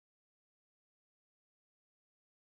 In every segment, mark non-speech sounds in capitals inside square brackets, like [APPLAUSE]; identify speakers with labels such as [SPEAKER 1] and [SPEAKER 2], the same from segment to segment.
[SPEAKER 1] fine, and hi everyone.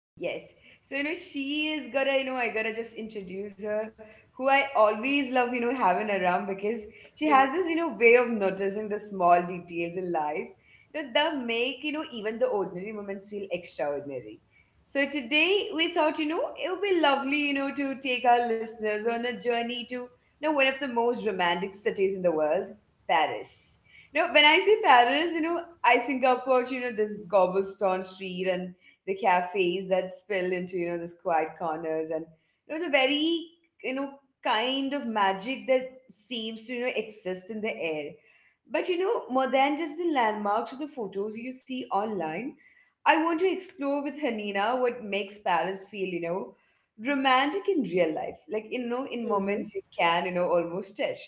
[SPEAKER 2] Yes. So she is gonna I gotta just introduce her, who I always love having around because she has this
[SPEAKER 1] [LAUGHS]
[SPEAKER 2] way of noticing the small details in life that make even the ordinary moments feel extraordinary. So today we thought it would be lovely to take our listeners on a journey to one of the most romantic cities in the world, Paris. Now, when I say Paris I think about this cobblestone street and the cafes that spill into those quiet corners, and the very you know kind of magic that seems to exist in the air. But more than just the landmarks or the photos you see online, I want to explore with Hanina what makes Paris feel romantic in real life, like in
[SPEAKER 1] Mm-hmm.
[SPEAKER 2] moments you can almost touch.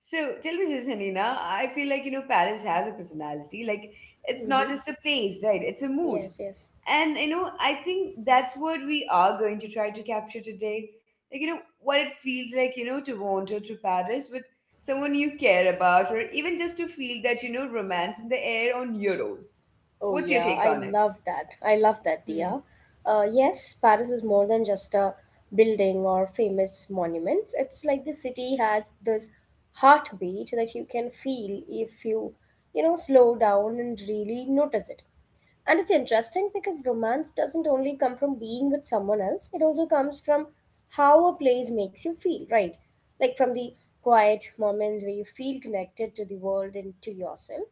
[SPEAKER 2] So tell me this, Hanina. I feel like Paris has a personality. Like, it's not
[SPEAKER 1] Mm-hmm.
[SPEAKER 2] just a place, right? It's a mood.
[SPEAKER 1] Yes, yes.
[SPEAKER 2] And I think that's what we are going to try to capture today. Like what it feels like to wander to Paris with someone you care about, or even just to feel that romance in the air on your own.
[SPEAKER 1] Oh
[SPEAKER 2] What's your
[SPEAKER 1] yeah,
[SPEAKER 2] take
[SPEAKER 1] I
[SPEAKER 2] on
[SPEAKER 1] love that. I love that,
[SPEAKER 2] it?
[SPEAKER 1] Dia. Yes, Paris is more than just a building or famous monuments. It's like the city has this heartbeat that you can feel if you slow down and really notice it. And it's interesting because romance doesn't only come from being with someone else, it also comes from how a place makes you feel, right? Like from the quiet moments where you feel connected to the world and to yourself.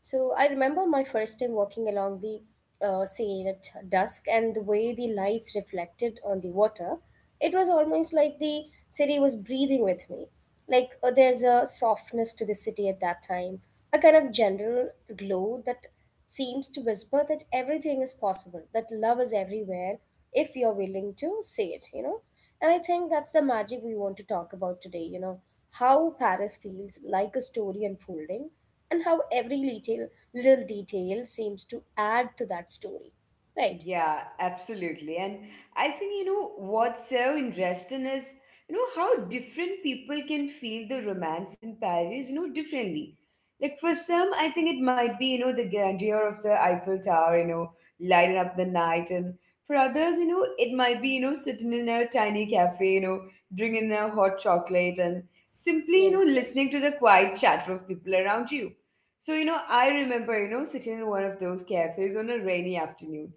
[SPEAKER 1] So I remember my first time walking along the Seine at dusk and the way the lights reflected on the water. It was almost like the city was breathing with me. Like, there's a softness to the city at that time, a kind of general glow that seems to whisper that everything is possible, that love is everywhere if you're willing to say it, you know. And I think that's the magic we want to talk about today, you know, how Paris feels like a story unfolding and how every little detail seems to add to that story. Right.
[SPEAKER 2] Yeah, absolutely. And I think what's so interesting is how different people can feel the romance in Paris differently. Like for some, I think it might be the grandeur of the Eiffel Tower lighting up the night. And for others it might be sitting in a tiny cafe drinking a hot chocolate and simply
[SPEAKER 1] Yes, yes.
[SPEAKER 2] listening to the quiet chatter of people around you. So I remember sitting in one of those cafes on a rainy afternoon,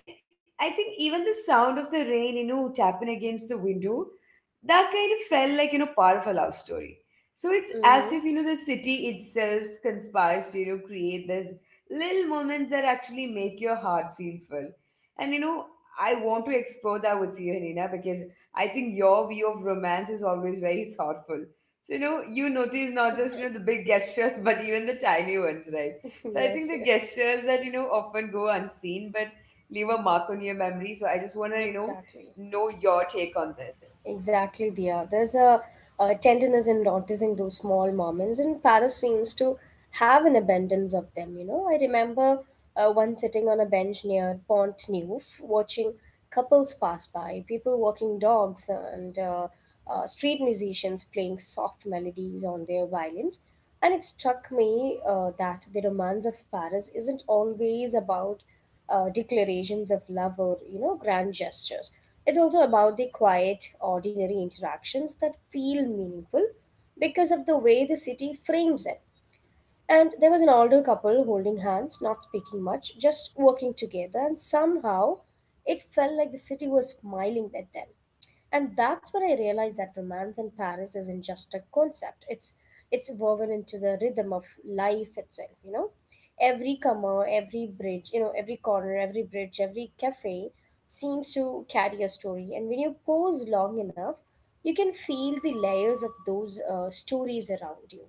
[SPEAKER 2] and I think even the sound of the rain tapping against the window, that kind of felt like part of a love story. So it's as
[SPEAKER 1] Mm-hmm.
[SPEAKER 2] if the city itself conspires to create this little moments that actually make your heart feel full. And I want to explore that with you, Nina, because I think your view of romance is always very thoughtful. So you notice not just the big gestures [LAUGHS] but even the tiny ones, right?
[SPEAKER 1] [LAUGHS]
[SPEAKER 2] So I think
[SPEAKER 1] yes,
[SPEAKER 2] the
[SPEAKER 1] yes.
[SPEAKER 2] gestures that often go unseen but leave a mark on your memory. So I just want to
[SPEAKER 1] Exactly.
[SPEAKER 2] know your take on this.
[SPEAKER 1] Exactly, dear. There's a tenderness in noticing those small moments, and Paris seems to have an abundance of them. You know, I remember one sitting on a bench near Pont Neuf, watching couples pass by, people walking dogs, and street musicians playing soft melodies on their violins. And it struck me that the romance of Paris isn't always about declarations of love or you know grand gestures. It's also about the quiet, ordinary interactions that feel meaningful because of the way the city frames it. And there was an older couple holding hands, not speaking much, just working together, and somehow it felt like the city was smiling at them. And that's when I realized that romance in Paris isn't just a concept. It's woven into the rhythm of life itself, you know? Every corner, every bridge, you know, every corner, every bridge, every cafe seems to carry a story. And when you pause long enough, you can feel the layers of those stories around you.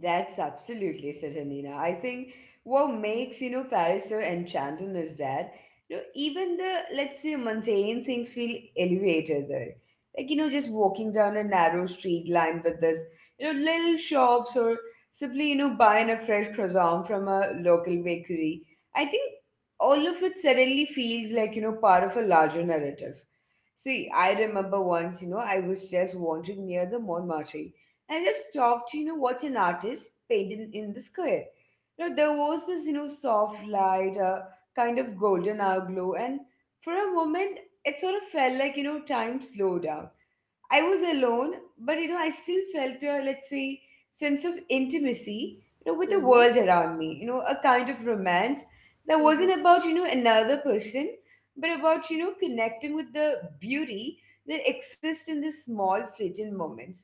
[SPEAKER 2] That's absolutely Sajanina. I think what makes Paris so enchanting is that even the, let's say, mundane things feel elevated there. Like just walking down a narrow street lined with this little shops, or simply buying a fresh croissant from a local bakery. I think all of it suddenly feels like part of a larger narrative. See, I remember once I was just wandering near the Montmartre, and I just stopped to watch an artist paint in the square. Now, there was this soft light, a kind of golden hour glow, and for a moment, it sort of felt like time slowed down. I was alone, but I still felt a, let's say, sense of intimacy with the
[SPEAKER 1] Mm-hmm.
[SPEAKER 2] world around me. A kind of romance that
[SPEAKER 1] Mm-hmm.
[SPEAKER 2] wasn't about another person, but about connecting with the beauty that exists in the small fleeting moments.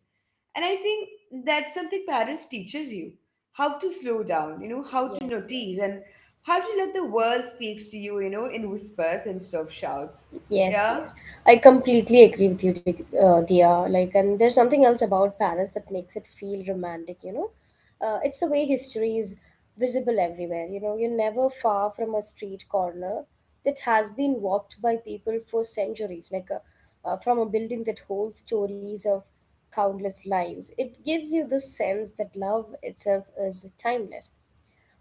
[SPEAKER 2] And I think that's something Paris teaches you: how to slow down how to
[SPEAKER 1] Yes,
[SPEAKER 2] notice,
[SPEAKER 1] yes,
[SPEAKER 2] and how to let the world speaks to you in whispers instead of shouts.
[SPEAKER 1] yes,
[SPEAKER 2] Yeah.
[SPEAKER 1] yes. I completely agree with you, Dia. Like, and there's something else about Paris that makes it feel romantic. You know, it's the way history is visible everywhere. You know, you're never far from a street corner that has been walked by people for centuries. Like, from a building that holds stories of countless lives, it gives you the sense that love itself is timeless.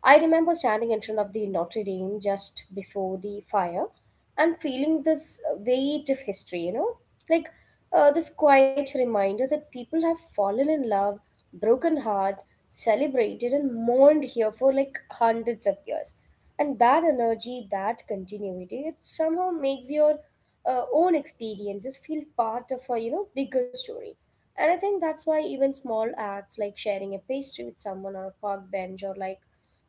[SPEAKER 1] I remember standing in front of the Notre Dame just before the fire and feeling this weight of history, you know, like this quiet reminder that people have fallen in love, broken hearts, celebrated, and mourned here for like hundreds of years. And that energy, that continuity, it somehow makes your own experiences feel part of a you know bigger story. And I think that's why even small acts like sharing a pastry with someone on a park bench or like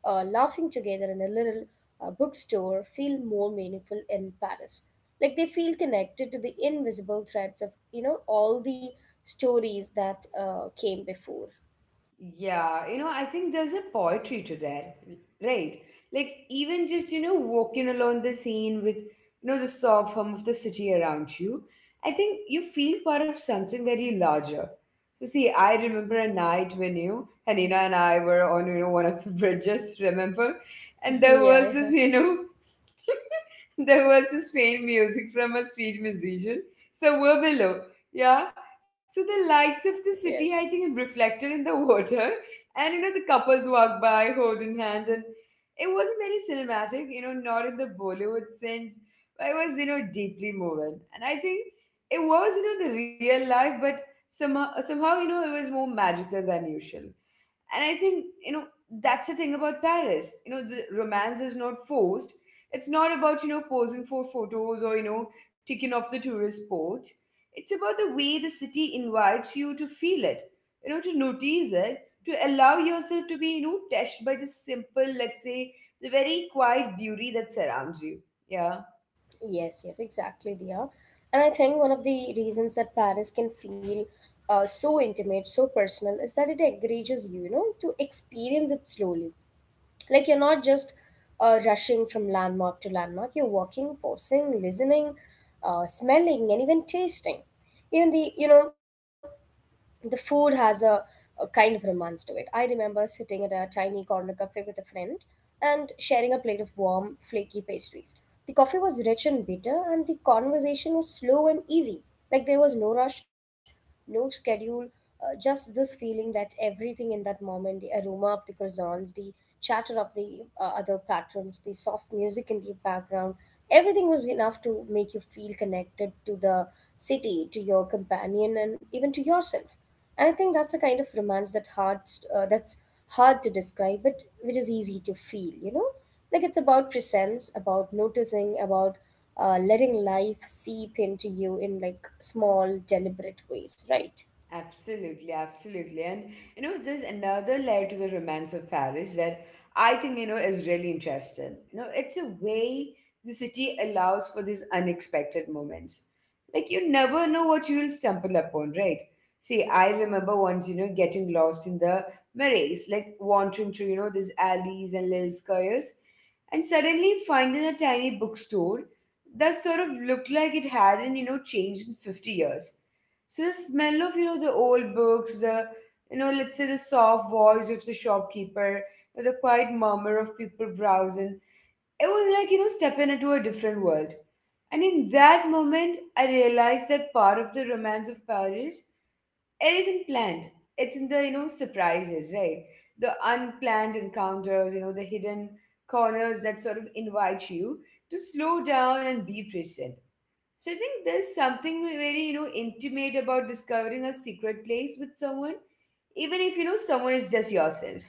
[SPEAKER 1] laughing together in a little bookstore feel more meaningful in Paris. Like they feel connected to the invisible threads of you know all the stories that came before.
[SPEAKER 2] Yeah I think there's a poetry to that, right? Like even just walking along the scene with the soft hum of the city around you, I think you feel part of something very larger. So see, I remember a night when you, Hanina, and I were on one of the [LAUGHS] bridges, remember?
[SPEAKER 1] [LAUGHS]
[SPEAKER 2] And there
[SPEAKER 1] yeah,
[SPEAKER 2] was
[SPEAKER 1] yeah.
[SPEAKER 2] this, you know, [LAUGHS] there was this faint music from a street musician somewhere below. Yeah. So the lights of the
[SPEAKER 1] Yes,
[SPEAKER 2] city, I think,
[SPEAKER 1] yes.
[SPEAKER 2] reflected in the [LAUGHS] water. And the couples walked by holding hands, and it wasn't very cinematic not in the Bollywood sense, but it was deeply moving. And I think it was the real life, but somehow, somehow it was more magical than usual. And I think that's the thing about Paris. The romance is not forced. It's not about posing for photos or ticking off the tourist spot. It's about the way the city invites you to feel it, to notice it, to allow yourself to be touched by the simple, let's say, the very quiet beauty that surrounds you. Yeah.
[SPEAKER 1] Yes, yes, exactly, Dia. And I think one of the reasons that Paris can feel so intimate, so personal, is that it encourages you, you know, to experience it slowly. Like you're not just rushing from landmark to landmark. You're walking, pausing, listening, smelling, and even tasting. Even the you know the food has a kind of romance to it. I remember sitting at a tiny corner cafe with a friend and sharing a plate of warm, flaky pastries. The coffee was rich and bitter, and the conversation was slow and easy. Like there was no rush, no schedule, just this feeling that everything in that moment, the aroma of the croissants, the chatter of the other patrons, the soft music in the background, everything was enough to make you feel connected to the city, to your companion, and even to yourself. And I think that's a kind of romance that uh, that's hard to describe, but which is easy to feel. You know, like it's about presence, about noticing, about letting life seep into you in like small, deliberate ways, right?
[SPEAKER 2] Absolutely, absolutely. And there's another layer to the romance of Paris that I think is really interesting. It's a way the city allows for these unexpected moments. Like you never know what you'll stumble upon, right? See, I remember once getting lost in the Marais, like wandering through these alleys and little squares, and suddenly finding a tiny bookstore that sort of looked like it hadn't changed in 50 years. So the smell of the old books, the let's say, the soft voice of the shopkeeper, the quiet murmur of people browsing, it was like stepping into a different world. And in that moment, I realized that part of the romance of Paris, it isn't planned. It's in the surprises, right? The unplanned encounters the hidden corners that sort of invite you to slow down and be present. So I think there's something very intimate about discovering a secret place with someone, even if someone is just yourself.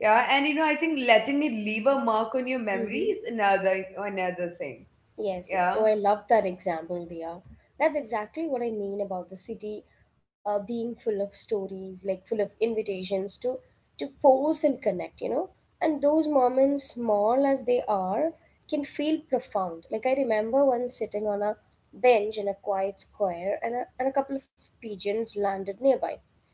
[SPEAKER 2] Yeah, and I think letting it leave a mark on your memory
[SPEAKER 1] Mm-hmm.
[SPEAKER 2] is another thing.
[SPEAKER 1] Yes, yes. Oh,
[SPEAKER 2] Yeah.
[SPEAKER 1] I love that example, Dia. That's exactly what I mean about the city being full of stories, like full of invitations to pose and connect, you know. And those moments, small as they are, can feel profound. Like I remember once sitting on a bench in a quiet square, and a couple of pigeons landed nearby.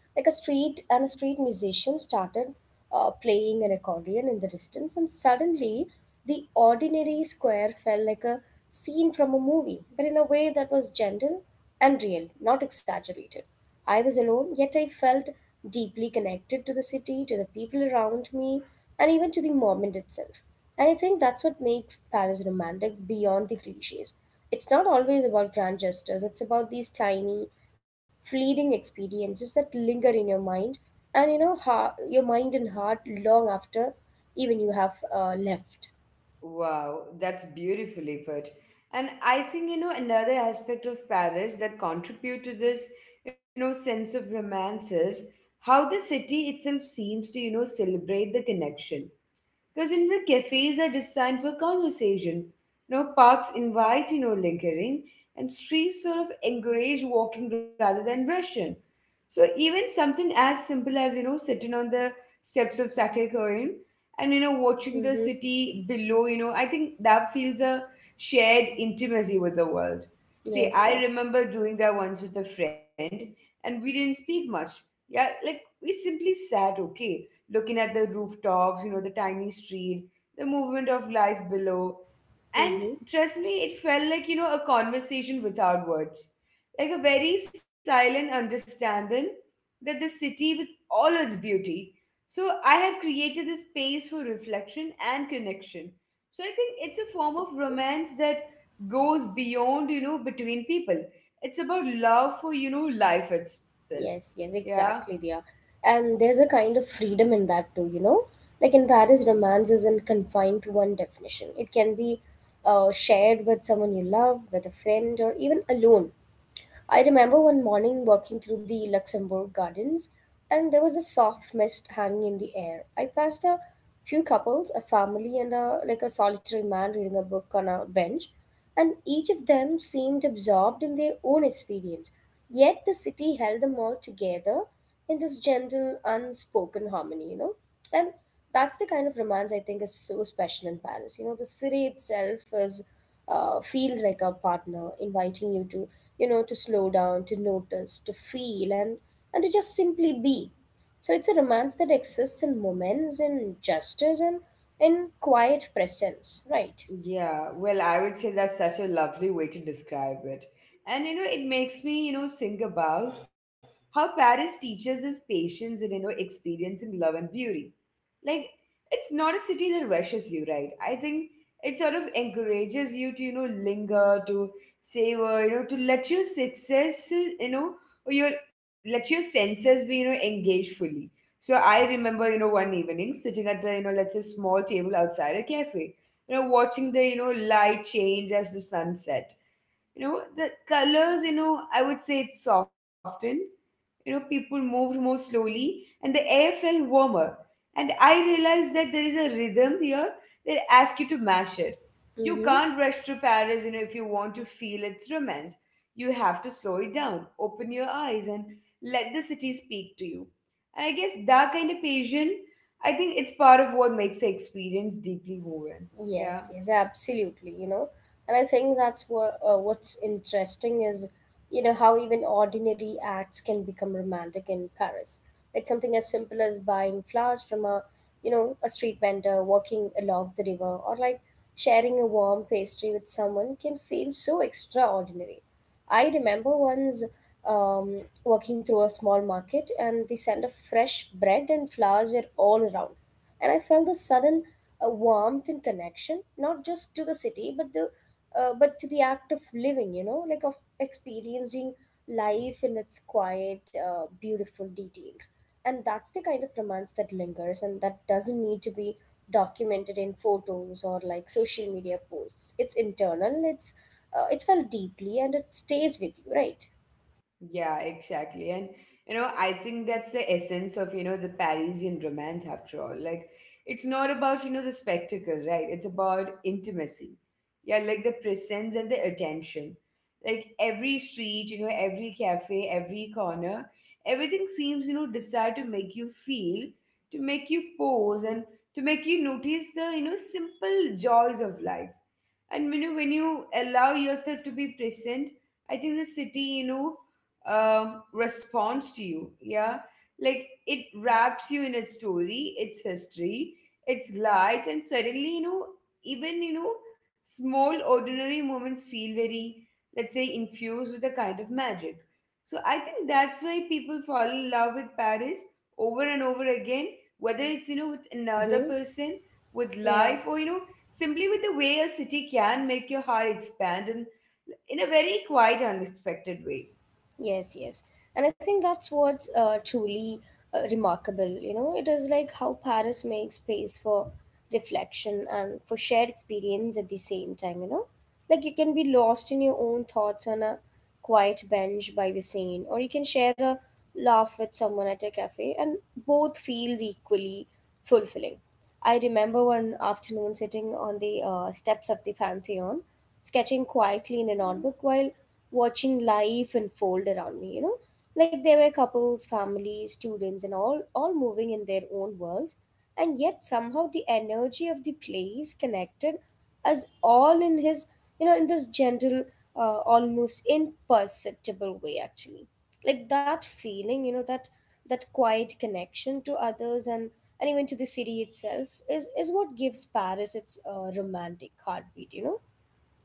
[SPEAKER 1] Like a street musician started playing an accordion in the distance, and suddenly the ordinary square felt like a scene from a movie, but in a way that was gentle and real, not exaggerated. I was alone, yet I felt deeply connected to the city, to the people around me, and even to the moment itself. And I think that's what makes Paris romantic beyond the cliches. It's not always about grand gestures, it's about these tiny, fleeting experiences that linger in your mind and you know your mind and heart long after even you have left.
[SPEAKER 2] Wow, that's beautifully put. And I think another aspect of Paris that contribute to this sense of romance is how the city itself seems to celebrate the connection. Because in the cafes are designed for conversation. Parks invite lingering, and streets sort of encourage walking rather than rushing. So even something as simple as sitting on the steps of Sacré-Cœur and watching the
[SPEAKER 1] Mm-hmm.
[SPEAKER 2] city below I think that feels a shared intimacy with the world. See,
[SPEAKER 1] Yes,
[SPEAKER 2] I
[SPEAKER 1] yes.
[SPEAKER 2] remember doing that once with a friend, and we didn't speak much. Yeah, like we simply sat, okay? Looking at the rooftops the tiny street, the movement of life below. And
[SPEAKER 1] Mm-hmm.
[SPEAKER 2] trust me, it felt like a conversation without words, like a very silent understanding that the city, with all its beauty, so I had created this space for reflection and connection. So I think it's a form of romance that goes beyond between people. It's about love for life itself.
[SPEAKER 1] Yes, yes,
[SPEAKER 2] Yeah.
[SPEAKER 1] exactly, dear. And there's a kind of freedom in that too, you know? Like in Paris, romance isn't confined to one definition. It can be shared with someone you love, with a friend, or even alone. I remember one morning walking through the Luxembourg Gardens, and there was a soft mist hanging in the air. I passed a few couples, a family, and a like a solitary man reading a book on a bench, and each of them seemed absorbed in their own experience. Yet the city held them all together in this gentle, unspoken harmony, you know. And that's the kind of romance I think is so special in Paris. You know, the city itself is, feels like a partner inviting you to you know to slow down, to notice, to feel, and to just simply be. So it's a romance that exists in moments, in gestures, and in quiet presence, right?
[SPEAKER 2] Yeah, well, I would say that's such a lovely way to describe it. And you know, it makes me, you know, think about how Paris teaches us patience and, you know, experiencing love and beauty like it's not a city that rushes you, right? I think it sort of encourages you to, you know, linger to savor, you know, to let your success, you know, or your let your senses be, you know, engaged fully. So I remember, you know, one evening sitting at the, you know, let's say small table outside a cafe, you know, watching the, you know, light change as the sun set. You know, the colors, you know, I would say it softened, you know, people moved more slowly and the air felt warmer. And I realized that there is a rhythm here that asks you to mash it. You
[SPEAKER 1] Mm-hmm.
[SPEAKER 2] can't rush through Paris, you know, if you want to feel its romance. You have to slow it down, open your eyes and let the city speak to you. And I guess that kind of patience, I think it's part of what makes the experience deeply moving. Yeah.
[SPEAKER 1] Yes, yes, absolutely. You know, and I think that's what what's interesting is, you know, how even ordinary acts can become romantic in Paris. Like something as simple as buying flowers from you know, a street vendor, walking along the river, or like sharing a warm pastry with someone can feel so extraordinary. I remember once walking through a small market, and the scent of fresh bread and flowers were all around, and I felt a sudden warmth and connection, not just to the city, but the but to the act of living. You know, like of experiencing life in its quiet, beautiful details. And that's the kind of romance that lingers, and that doesn't need to be documented in photos or like social media posts. It's internal. It's it's felt deeply, and it stays with you, right?
[SPEAKER 2] Yeah, exactly. And you know, I think that's the essence of, you know, the Parisian romance after all. Like it's not about, you know, the spectacle, right? It's about intimacy. Yeah, like the presence and the attention. Like every street, you know, every cafe, every corner, everything seems, you know, designed to make you feel, to make you pause and to make you notice the, you know, simple joys of life. And you know, when you allow yourself to be present, I think the city, you know, responds to you, yeah. Like it wraps you in its story, its history, its light, and suddenly, you know, even, you know, small ordinary moments feel very, let's say, infused with a kind of magic. So I think that's why people fall in love with Paris over and over again, whether it's, you know, with another
[SPEAKER 1] Mm-hmm.
[SPEAKER 2] person, with
[SPEAKER 1] Yeah.
[SPEAKER 2] life, or, you know, simply with the way a city can make your heart expand in a very quiet, unexpected way.
[SPEAKER 1] Yes, yes. And I think that's what's truly remarkable. You know, it is like how Paris makes space for reflection and for shared experience at the same time, you know? Like you can be lost in your own thoughts on a quiet bench by the Seine, or you can share a laugh with someone at a cafe, and both feels equally fulfilling. I remember one afternoon sitting on the steps of the Pantheon, sketching quietly in a notebook while watching life unfold around me, you know. Like there were couples, families, students, and all moving in their own worlds. And yet somehow the energy of the place connected us all in you know, in this gentle, almost imperceptible way, actually. Like that feeling, you know, that quiet connection to others and even to the city itself is what gives Paris its romantic heartbeat, you know.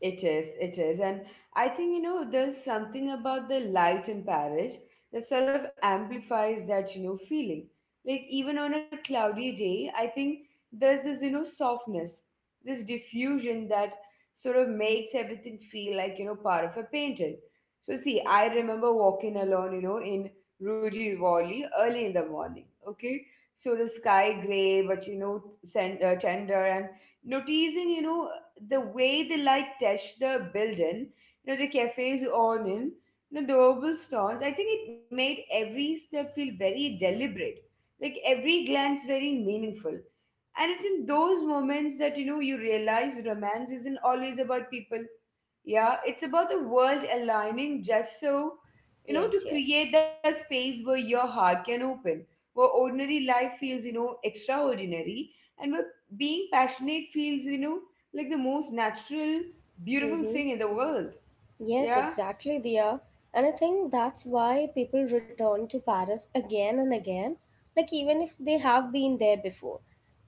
[SPEAKER 2] It is, it is. And I think, you know, there's something about the light in Paris that sort of amplifies that, you know, feeling. Like, even on a cloudy day, I think there's this, you know, softness, this diffusion that sort of makes everything feel like, you know, part of a painting. So, see, I remember walking alone, you know, in Rue de Rivoli early in the morning, okay? So the sky gray, but, you know, tender and noticing, you know, the way they like touch the building, you know, the cafe's on in, you know, the oval stones, I think it made every step feel very deliberate, like every glance very meaningful. And it's in those moments that you know you realize romance isn't always about people. Yeah, it's about the world aligning just so, you know, to
[SPEAKER 1] Yes, yes.
[SPEAKER 2] create that space where your heart can open, where ordinary life feels, you know, extraordinary, and where being passionate feels, you know, like the most natural, beautiful
[SPEAKER 1] Mm-hmm.
[SPEAKER 2] thing in the world.
[SPEAKER 1] Yes,
[SPEAKER 2] Yeah?
[SPEAKER 1] exactly, Dia. And I think that's why people return to Paris again and again, like even if they have been there before.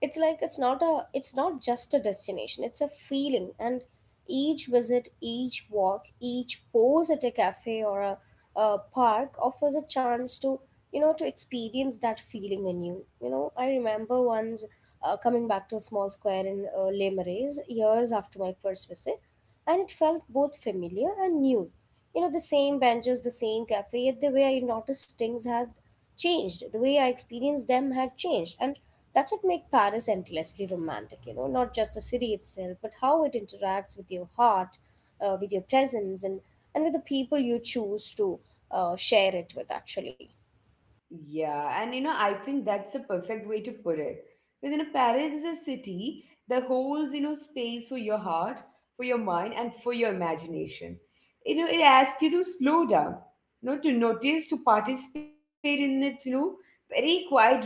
[SPEAKER 1] It's like it's not just a destination, it's a feeling. And each visit, each walk, each pose at a cafe or a park offers a chance to, you know, to experience that feeling anew. You know, I remember once coming back to a small square in Les Marais years after my first visit, and it felt both familiar and new. You know, the same benches, the same cafe, yet the way I noticed things had changed, the way I experienced them had changed. And that's what makes Paris endlessly romantic, you know, not just the city itself, but how it interacts with your heart, with your presence, and with the people you choose to share it with, actually.
[SPEAKER 2] Yeah, and you know, I think that's a perfect way to put it. Because you know, Paris is a city that holds, you know, space for your heart, for your mind, and for your imagination. You know, it asks you to slow down, you know, to notice, to participate in its, you know, very quiet rhythm.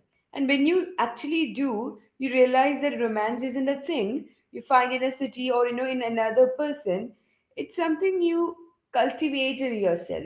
[SPEAKER 2] And when you actually do, you realize that romance isn't a thing you find in a city or, you know, in another person. It's something you cultivate in yourself,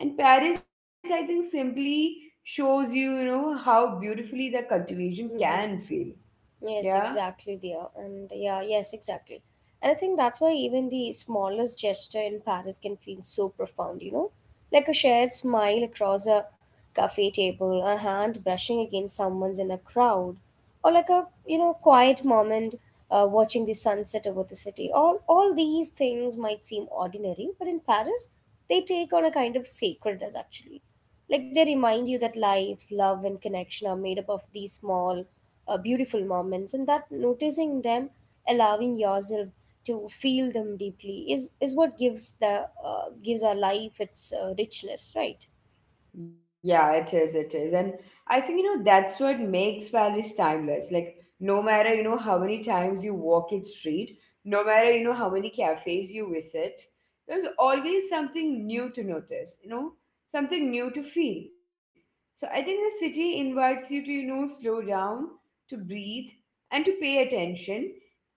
[SPEAKER 2] and Paris, I think, simply shows you, you know, how beautifully the cultivation
[SPEAKER 1] hmm
[SPEAKER 2] can feel.
[SPEAKER 1] Yes,
[SPEAKER 2] Yeah.
[SPEAKER 1] exactly, dear. And yeah, yes, exactly. And I think that's why even the smallest gesture in Paris can feel so profound, you know? Like a shared smile across a cafe table, a hand brushing against someone's in a crowd, or like a, you know, quiet moment watching the sunset over the city. All these things might seem ordinary, but in Paris, they take on a kind of sacredness, actually. Like they remind you that life, love, and connection are made up of these small, beautiful moments, and that noticing them, allowing yourself to feel them deeply, is what gives the gives our life its richness, right?
[SPEAKER 2] Yeah, it is, it is. And I think, you know, that's what makes Paris timeless. Like, no matter, you know, how many times you walk its street, no matter, you know, how many cafes you visit, there's always something new to notice, you know, something new to feel. So I think the city invites you to, you know, slow down, to breathe, and to pay attention.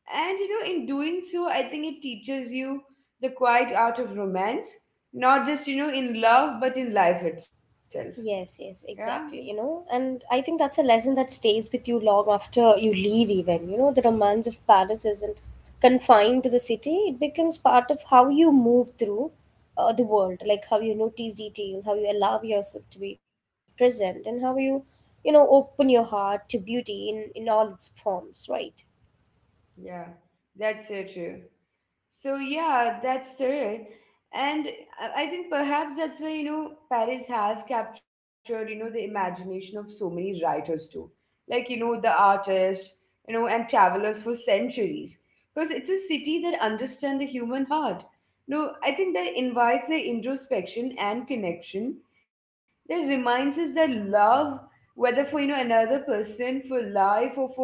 [SPEAKER 2] And, you know, in doing so, I think it teaches you the quiet art of romance, not just, you know, in love but in life itself.
[SPEAKER 1] Yes, yes,
[SPEAKER 2] Yeah,
[SPEAKER 1] exactly. You know, and I think that's a lesson that stays with you long after you leave, even. You know, the romance of Paris isn't confined to the city, it becomes part of how you move through the world, like how you notice details, how you allow yourself to be present, and how you, you know, open your heart to beauty in all its forms, right?
[SPEAKER 2] yeah, that's so true. So yeah, that's it. And I think perhaps that's where, you know, Paris has captured, you know, the imagination of so many writers too. Like, you know, the artists, you know, and travelers for centuries. Because it's a city that understands the human heart. No, I think that invites the introspection and connection that reminds us that love, whether for, you know, another person, for life, or for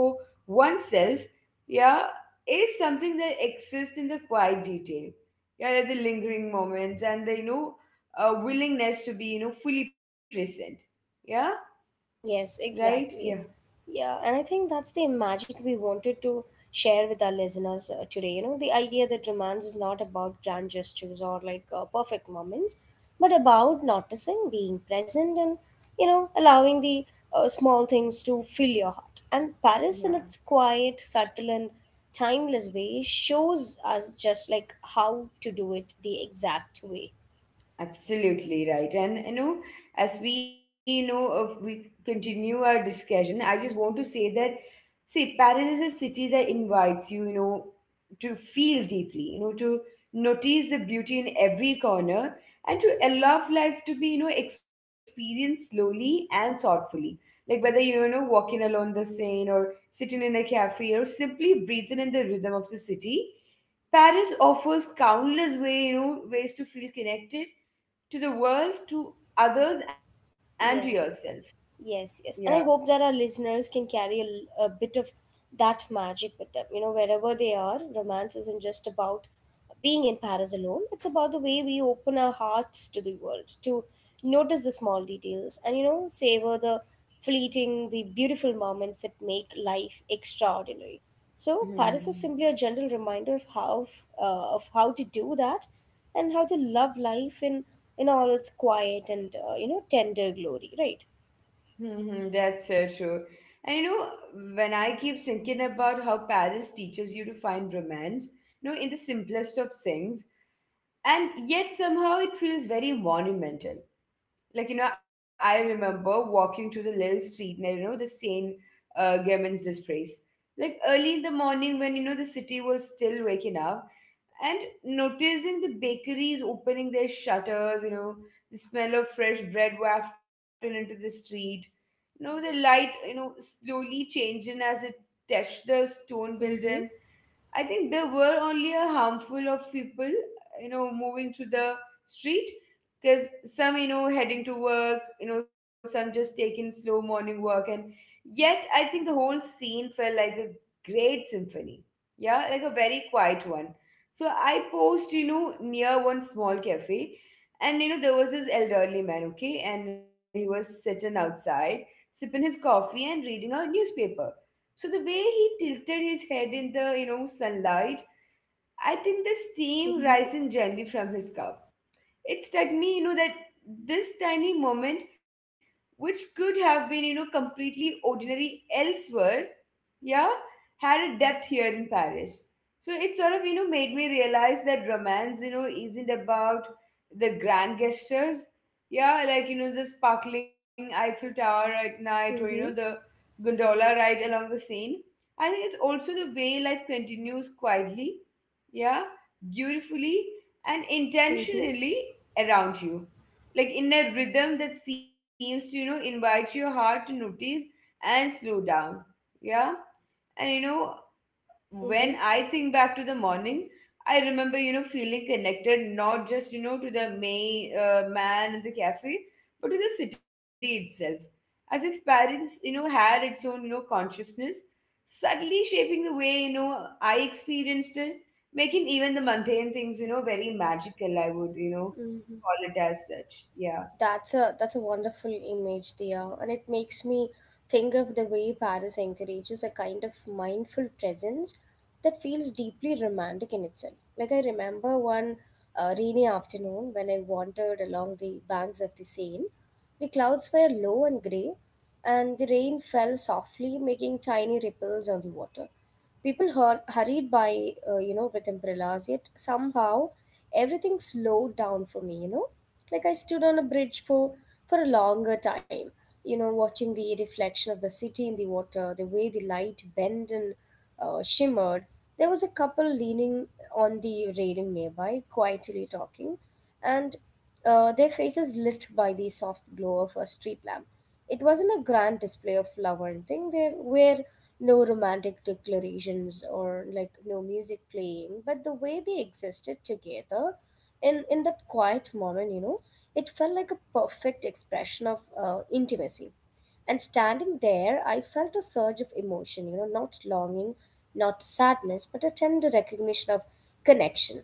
[SPEAKER 2] oneself, yeah, is something that exists in the quiet detail, yeah, like the lingering moments and the, you know, willingness to be, you know, fully present. Yeah,
[SPEAKER 1] Yes,
[SPEAKER 2] right. Yeah.
[SPEAKER 1] exactly. Yeah, and I think that's the magic we wanted to share with our listeners today. You know, the idea that romance is not about grand gestures or like perfect moments, but about noticing, being present, and you know, allowing the small things to fill your heart. And Paris, in
[SPEAKER 2] Yeah,
[SPEAKER 1] its quiet, subtle, and timeless way, shows us just like how to do it the exact way.
[SPEAKER 2] absolutely right. And you know, as we, you know, if we continue our discussion, I just want to say that, see, Paris is a city that invites you, you know, to feel deeply, you know, to notice the beauty in every corner and to allow life to be, you know, experienced slowly and thoughtfully. Like whether you, you know, walking along the Seine or sitting in a cafe or simply breathing in the rhythm of the city, Paris offers countless way, you know, ways to feel connected to the world, to others, and to yourself.
[SPEAKER 1] Yes,
[SPEAKER 2] Yeah.
[SPEAKER 1] yes, yes. And I hope that our listeners can carry a, a bit of that magic with them. You know, wherever they are, romance isn't just about being in Paris alone, it's about the way we open our hearts to the world, to notice the small details and, you know, savor the fleeting, the beautiful moments that make life extraordinary. So, Paris is
[SPEAKER 2] Mhm.
[SPEAKER 1] simply a gentle reminder of how, of how to do that and how to love life in all its quiet and you know tender glory, right?
[SPEAKER 2] Mm-hmm, that's so true. And you know, when I keep thinking about how Paris teaches you to find romance, you know, in the simplest of things, and yet somehow it feels very monumental. Like, you know, I remember walking to the little street near, you know, the Seine Germain's disgrace. Like early in the morning when, you know, the city was still waking up, and noticing the bakeries opening their shutters, you know, the smell of fresh bread wafted into the street, you know, the light, you know, slowly changing as it touched the stone building,
[SPEAKER 1] Mm-hmm.
[SPEAKER 2] I think there were only a handful of people, you know, moving to the street because some, you know, heading to work, you know, some just taking slow morning work. And yet, I think the whole scene felt like a great symphony. Yeah, like a very quiet one. So I posed, you know, near one small cafe. And, you know, there was this elderly man, okay, and he was sitting outside, sipping his coffee and reading a newspaper. So the way he tilted his head in the, you know, sunlight, I think the steam rising gently from his cup. It struck me, you know, that this tiny moment, which could have been, you know, completely ordinary elsewhere, yeah, had a depth here in Paris. So it sort of, you know, made me realize that romance, you know, isn't about the grand gestures. Yeah, like, you know, the sparkling Eiffel Tower at night or, you know, the
[SPEAKER 1] Mm-hmm.
[SPEAKER 2] gondola ride along the Seine. I think it's also the way life continues quietly, yeah, beautifully and
[SPEAKER 1] Mm-hmm.
[SPEAKER 2] intentionally around you. Like in a rhythm that seems to, you know, invite your heart to notice and slow down. Yeah. And you know, when
[SPEAKER 1] Mm-hmm.
[SPEAKER 2] I think back to the morning, I remember, you know, feeling connected not just, you know, to the man in the cafe, but to the city itself. As if Paris, you know, had its own, you know, consciousness, subtly shaping the way, you know, I experienced it, making even the mundane things, you know, very magical, I would, you know, call it as such. Yeah.
[SPEAKER 1] That's a wonderful image, Dia, and it makes me think of the way Paris encourages a kind of mindful presence that feels deeply romantic in itself. Like I remember one rainy afternoon when I wandered along the banks of the Seine. The clouds were low and grey, and the rain fell softly, making tiny ripples on the water. People hurried by, you know, with umbrellas, yet somehow everything slowed down for me, you know. Like I stood on a bridge for a longer time, you know, watching the reflection of the city in the water, the way the light bent and shimmered. There was a couple leaning on the railing nearby, quietly talking, and their faces lit by the soft glow of a street lamp. It wasn't a grand display of love or anything. There were no romantic declarations or like no music playing, but the way they existed together in that quiet moment, you know, it felt like a perfect expression of intimacy. And standing there, I felt a surge of emotion, you know, not longing, not sadness, but a tender recognition of connection.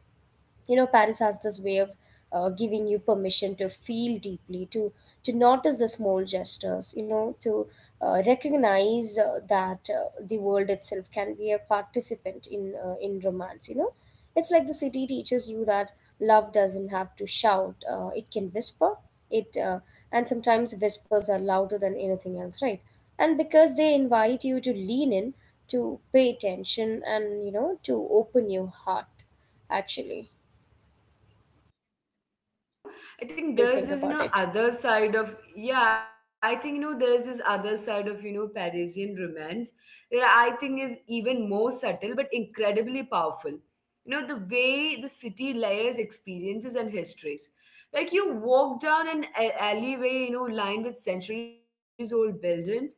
[SPEAKER 1] You know, Paris has this way of giving you permission to feel deeply, to notice the small gestures, you know, to recognize that the world itself can be a participant in romance, you know. It's like the city teaches you that love doesn't have to shout, it can whisper it. And sometimes whispers are louder than anything else, right? And because they invite you to lean in, to pay attention, and you know, to open your heart, actually.
[SPEAKER 2] Yeah, yeah, that's so true. And you know, I think
[SPEAKER 1] What do you
[SPEAKER 2] there's
[SPEAKER 1] think
[SPEAKER 2] this, you
[SPEAKER 1] about
[SPEAKER 2] know,
[SPEAKER 1] it?
[SPEAKER 2] other side of, yeah, I think, you know, there's this other side of, you know, Parisian romance that I think is even more subtle but incredibly powerful. You know, the way the city layers experiences and histories. Like you walk down an alleyway, you know, lined with centuries old buildings,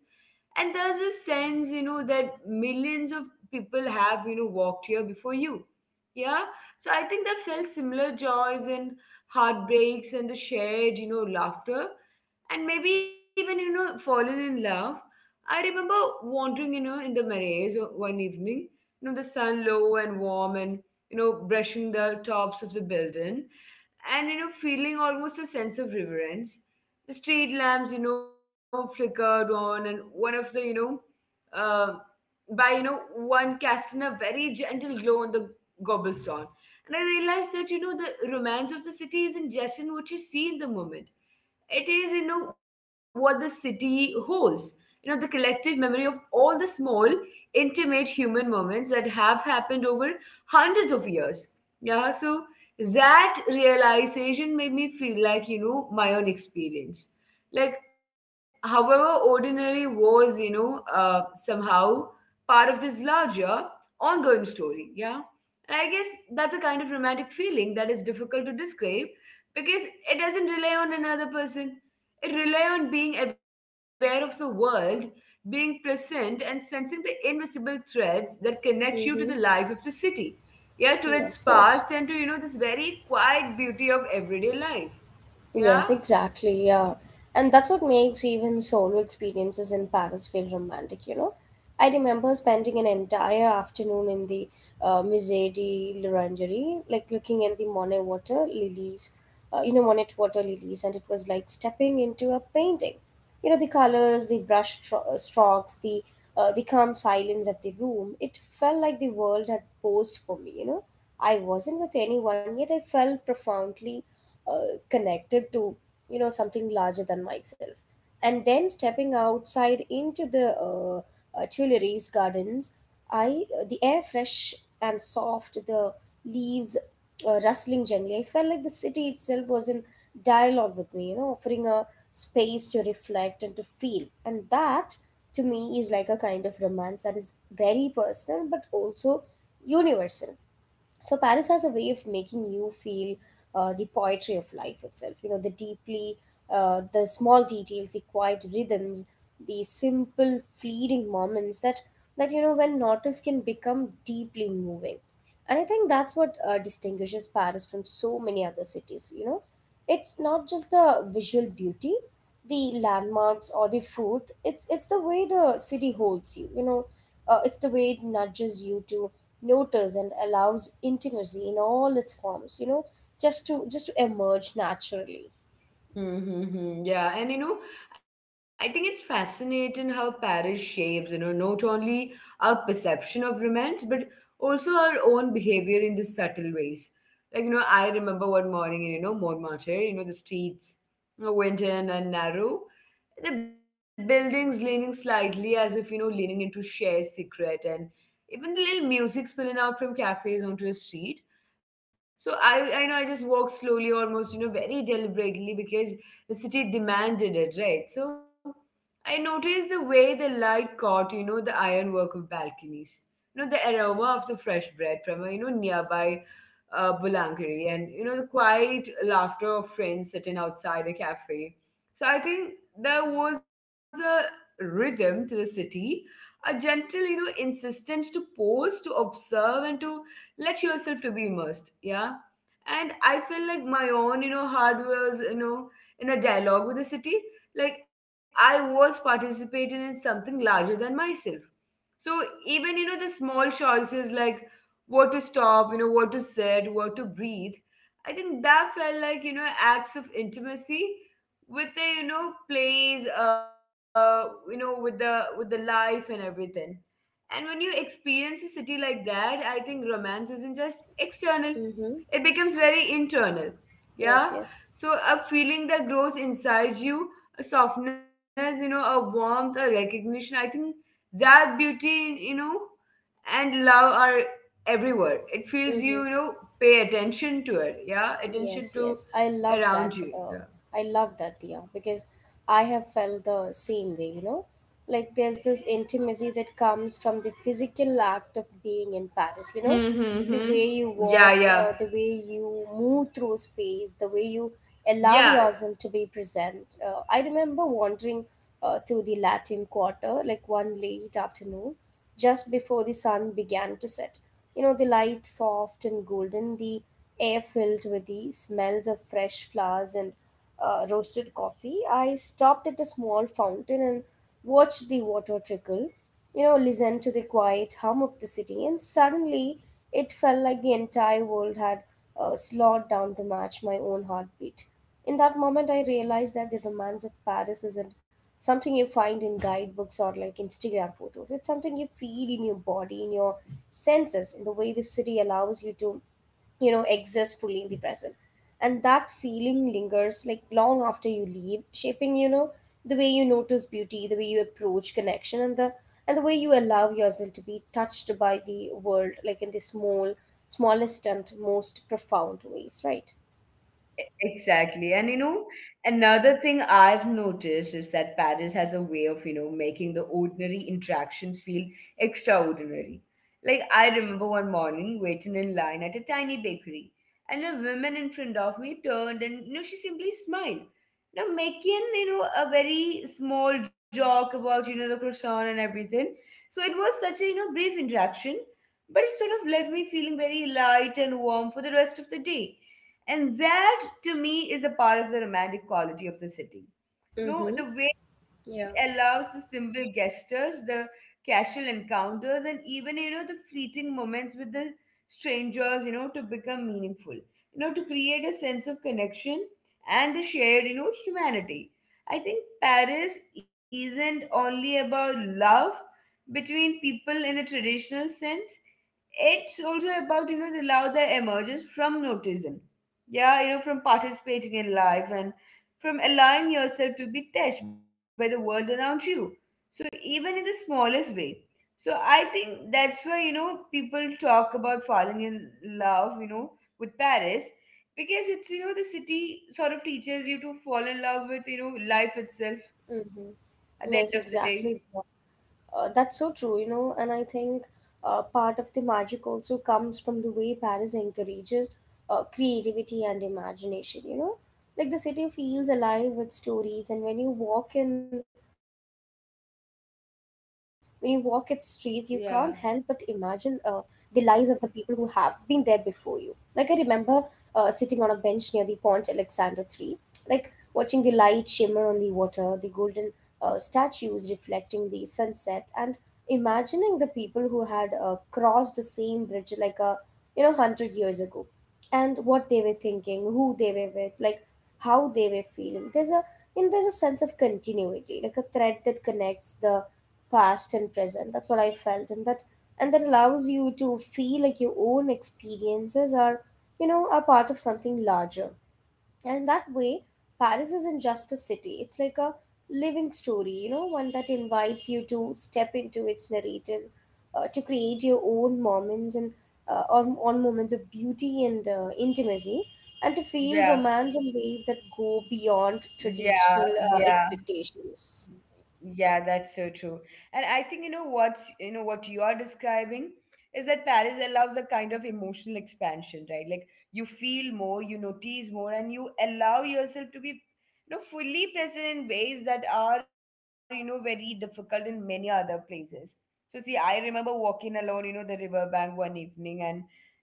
[SPEAKER 2] and there's a sense, you know, that millions of people have, you know, walked here before you, yeah. So I think they felt similar joys in heartbreaks and the shared, you know, laughter and maybe even, you know, fallen in love. I remember wandering, you know, in the marais one evening, you know, the sun low and warm and, you know, brushing the tops of the building, and you know, feeling almost a sense of reverence. The street lamps, you know, flickered on and one of the, you know, uh, by, you know, one casting a very gentle glow on the cobblestone. And I realized that, you know, the romance of the city isn't just in what you see in the moment, it is, you know, what the city holds, you know, the collective memory of all the small intimate human moments that have happened over hundreds of years, yeah. So that realization made me feel like, you know, my own experience, like however ordinary was, you know, somehow part of this larger ongoing story, yeah. And I guess that's a kind of romantic feeling that is difficult to describe because it doesn't rely on another person, it rely on being aware of the world, being present and sensing the invisible threads that connect
[SPEAKER 1] Mm-hmm.
[SPEAKER 2] you to the life of the city, yeah,
[SPEAKER 1] Yes,
[SPEAKER 2] to its
[SPEAKER 1] yes.
[SPEAKER 2] past and to, you know, this very quiet beauty of everyday life.
[SPEAKER 1] Yes,
[SPEAKER 2] Yeah.
[SPEAKER 1] exactly. Yeah. And that's what makes even solo experiences in Paris feel romantic, you know? I remember spending an entire afternoon in the Musée de l'Orangerie, like looking at the Monet water lilies, and it was like stepping into a painting. You know, the colors, the strokes, the calm silence of the room, it felt like the world had posed for me, you know. I wasn't with anyone, yet I felt profoundly connected to you know something larger than myself. And then stepping outside into the Tuileries gardens, I the air fresh and soft, the leaves rustling gently. I felt like the city itself was in dialogue with me, you know, offering a space to reflect and to feel. And that, to me, is like a kind of romance that is very personal but also universal. So Paris has a way of making you feel the poetry of life itself. You know, the deeply, the small details, the quiet rhythms, the simple, fleeting moments that that you know when noticed can become deeply moving. And I think that's what distinguishes Paris from so many other cities. You know, it's not just the visual beauty, the landmarks or the food, it's the way the city holds you, you know, it's the way it nudges you to notice and allows intimacy in all its forms, you know, just to emerge naturally.
[SPEAKER 2] Mm-hmm. Yeah, and you know, I think it's fascinating how Paris shapes, you know, not only our perception of romance, but also our own behavior in the subtle ways. Like, you know, I remember one morning in, you know, Montmartre, you know, the streets were winding and narrow, the buildings leaning slightly as if, you know, leaning into shared secret, and even the little music spilling out from cafes onto the street. So I know I just walked slowly, almost, very deliberately because the city demanded it, right? So I noticed the way the light caught, the ironwork of balconies, the aroma of the fresh bread from a, nearby boulangerie and, the quiet laughter of friends sitting outside a cafe. So I think there was a rhythm to the city, a gentle, insistence to pause, to observe, and to let yourself to be immersed. Yeah, and I feel like my own, hard was, in a dialogue with the city, like I was participating in something larger than myself. So even, the small choices, like what to stop, what to said, what to breathe, I think that felt like, acts of intimacy with the, plays, with the life and everything. And when you experience a city like that, I think romance isn't just external.
[SPEAKER 1] Mm-hmm.
[SPEAKER 2] It becomes very internal.
[SPEAKER 1] Yes,
[SPEAKER 2] Yeah.
[SPEAKER 1] yes.
[SPEAKER 2] So a feeling that grows inside you, a softness, a warmth, a recognition, I think, that beauty, and love are everywhere. It
[SPEAKER 1] Mm-hmm.
[SPEAKER 2] feels you you know Pay attention to it. Yeah,
[SPEAKER 1] Yes, yes.
[SPEAKER 2] attention
[SPEAKER 1] I
[SPEAKER 2] to
[SPEAKER 1] love that.
[SPEAKER 2] around you.
[SPEAKER 1] I
[SPEAKER 2] Yeah.
[SPEAKER 1] love that, Dia, because I have felt the same way, you know? Like there's this intimacy that comes from the physical act of being in Paris, you know?
[SPEAKER 2] Hmm. Hmm,
[SPEAKER 1] The
[SPEAKER 2] hmm.
[SPEAKER 1] way you
[SPEAKER 2] Yeah,
[SPEAKER 1] walk,
[SPEAKER 2] yeah,
[SPEAKER 1] the way you move through space, the way you allow
[SPEAKER 2] yeah.
[SPEAKER 1] yourself to be present. I remember wandering through the Latin Quarter, like one late afternoon, just before the sun began to set. You know, the light soft and golden, the air filled with the smells of fresh flowers and roasted coffee. I stopped at a small fountain and watched the water trickle, you know, listened to the quiet hum of the city, and suddenly it felt like the entire world had slowed down to match my own heartbeat. In that moment, I realized that the romance of Paris isn't something you find in guidebooks or like Instagram photos. It's something you feel in your body, in your senses, in the way the city allows you to you know exist fully in the present. And that feeling lingers like long after you leave, shaping you know the way you notice beauty, the way you approach connection, and the way you allow yourself to be touched by the world, like in the smallest and most profound ways, right?
[SPEAKER 2] Exactly. And another thing I've noticed is that Paris has a way of, making the ordinary interactions feel extraordinary. Like, I remember one morning waiting in line at a tiny bakery, and a woman in front of me turned and, she simply smiled. Now, making, a very small joke about, the croissant and everything. So it was such a, brief interaction, but it sort of left me feeling very light and warm for the rest of the day, and that to me is a part of the romantic quality of the city.
[SPEAKER 1] Mm-hmm.
[SPEAKER 2] No, the way it
[SPEAKER 1] Yeah.
[SPEAKER 2] allows the simple gestures, the casual encounters, and even, the fleeting moments with the strangers, to become meaningful, to create a sense of connection and the shared, humanity. I think Paris isn't only about love between people in the traditional sense. It's also about, the love that emerges from notism. Yeah, from participating in life and from allowing yourself to be touched by the world around you. So, even in the smallest way. So, I think that's why, people talk about falling in love, with Paris, because it's, the city sort of teaches you to fall in love with, life itself at the end of
[SPEAKER 1] Mm-hmm.
[SPEAKER 2] the
[SPEAKER 1] Yes,
[SPEAKER 2] day.
[SPEAKER 1] exactly. That's so true, you know, and I think part of the magic also comes from the way Paris encourages creativity and imagination, you know? Like the city feels alive with stories, and when you walk its streets, you can't help but imagine the
[SPEAKER 2] Yeah.
[SPEAKER 1] lives of the people who have been there before you. Like I remember sitting on a bench near the Pont Alexander III, like watching the light shimmer on the water, the golden statues reflecting the sunset, and imagining the people who had crossed the same bridge like a you know 100 years ago, and what they were thinking, who they were with, like how they were feeling. There's a you know there's a sense of continuity, like a thread that connects the past and present, that's what I felt. And that allows you to feel like your own experiences are you know are part of something larger. And in that way, Paris isn't just a city, it's like a living story, you know, one that invites you to step into its narrative, to create your own moments and own on moments of beauty and intimacy, and to feel
[SPEAKER 2] Yeah.
[SPEAKER 1] romance in ways that go beyond
[SPEAKER 2] Yeah,
[SPEAKER 1] traditional
[SPEAKER 2] yeah.
[SPEAKER 1] expectations.
[SPEAKER 2] Yeah, that's so true. And I think, what's, what you are describing is that Paris allows a kind of emotional expansion, right? Like you feel more, you notice more, and you allow yourself to be, fully present in ways that are, very difficult in many other places. So see, I remember walking along, the riverbank one evening, and,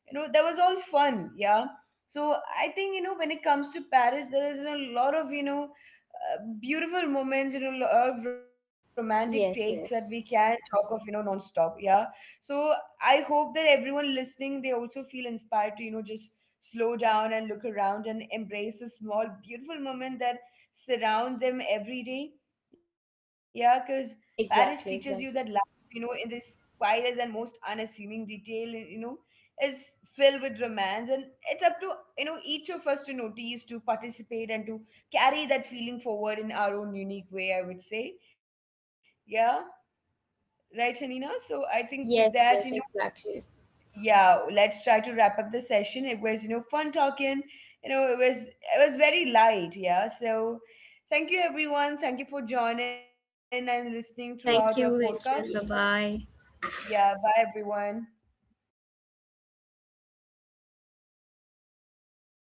[SPEAKER 2] that was all fun, yeah. So I think, when it comes to Paris, there is a lot of, beautiful moments, of romantic takes that we
[SPEAKER 1] Yes,
[SPEAKER 2] can
[SPEAKER 1] yes,
[SPEAKER 2] talk of, non-stop, yeah. So I hope that everyone listening, they also feel inspired to, just slow down and look around and embrace the small beautiful moment that surround them every day. Yeah, because Paris
[SPEAKER 1] exactly,
[SPEAKER 2] teaches you
[SPEAKER 1] exactly.
[SPEAKER 2] that life, in this quietest and most unassuming detail, is filled with romance, and it's up to, each of us to notice, to participate, and to carry that feeling forward in our own unique way, I would say. Yeah, right, Hanina? So I
[SPEAKER 1] Yes,
[SPEAKER 2] think with
[SPEAKER 1] yes,
[SPEAKER 2] that,
[SPEAKER 1] exactly.
[SPEAKER 2] yeah, let's try to wrap up the session. It was, fun talking. You know, it was very light, yeah. So thank you everyone. Thank you for joining and listening throughout our
[SPEAKER 1] Thank you,
[SPEAKER 2] podcast.
[SPEAKER 1] and bye bye.
[SPEAKER 2] Yeah, bye everyone.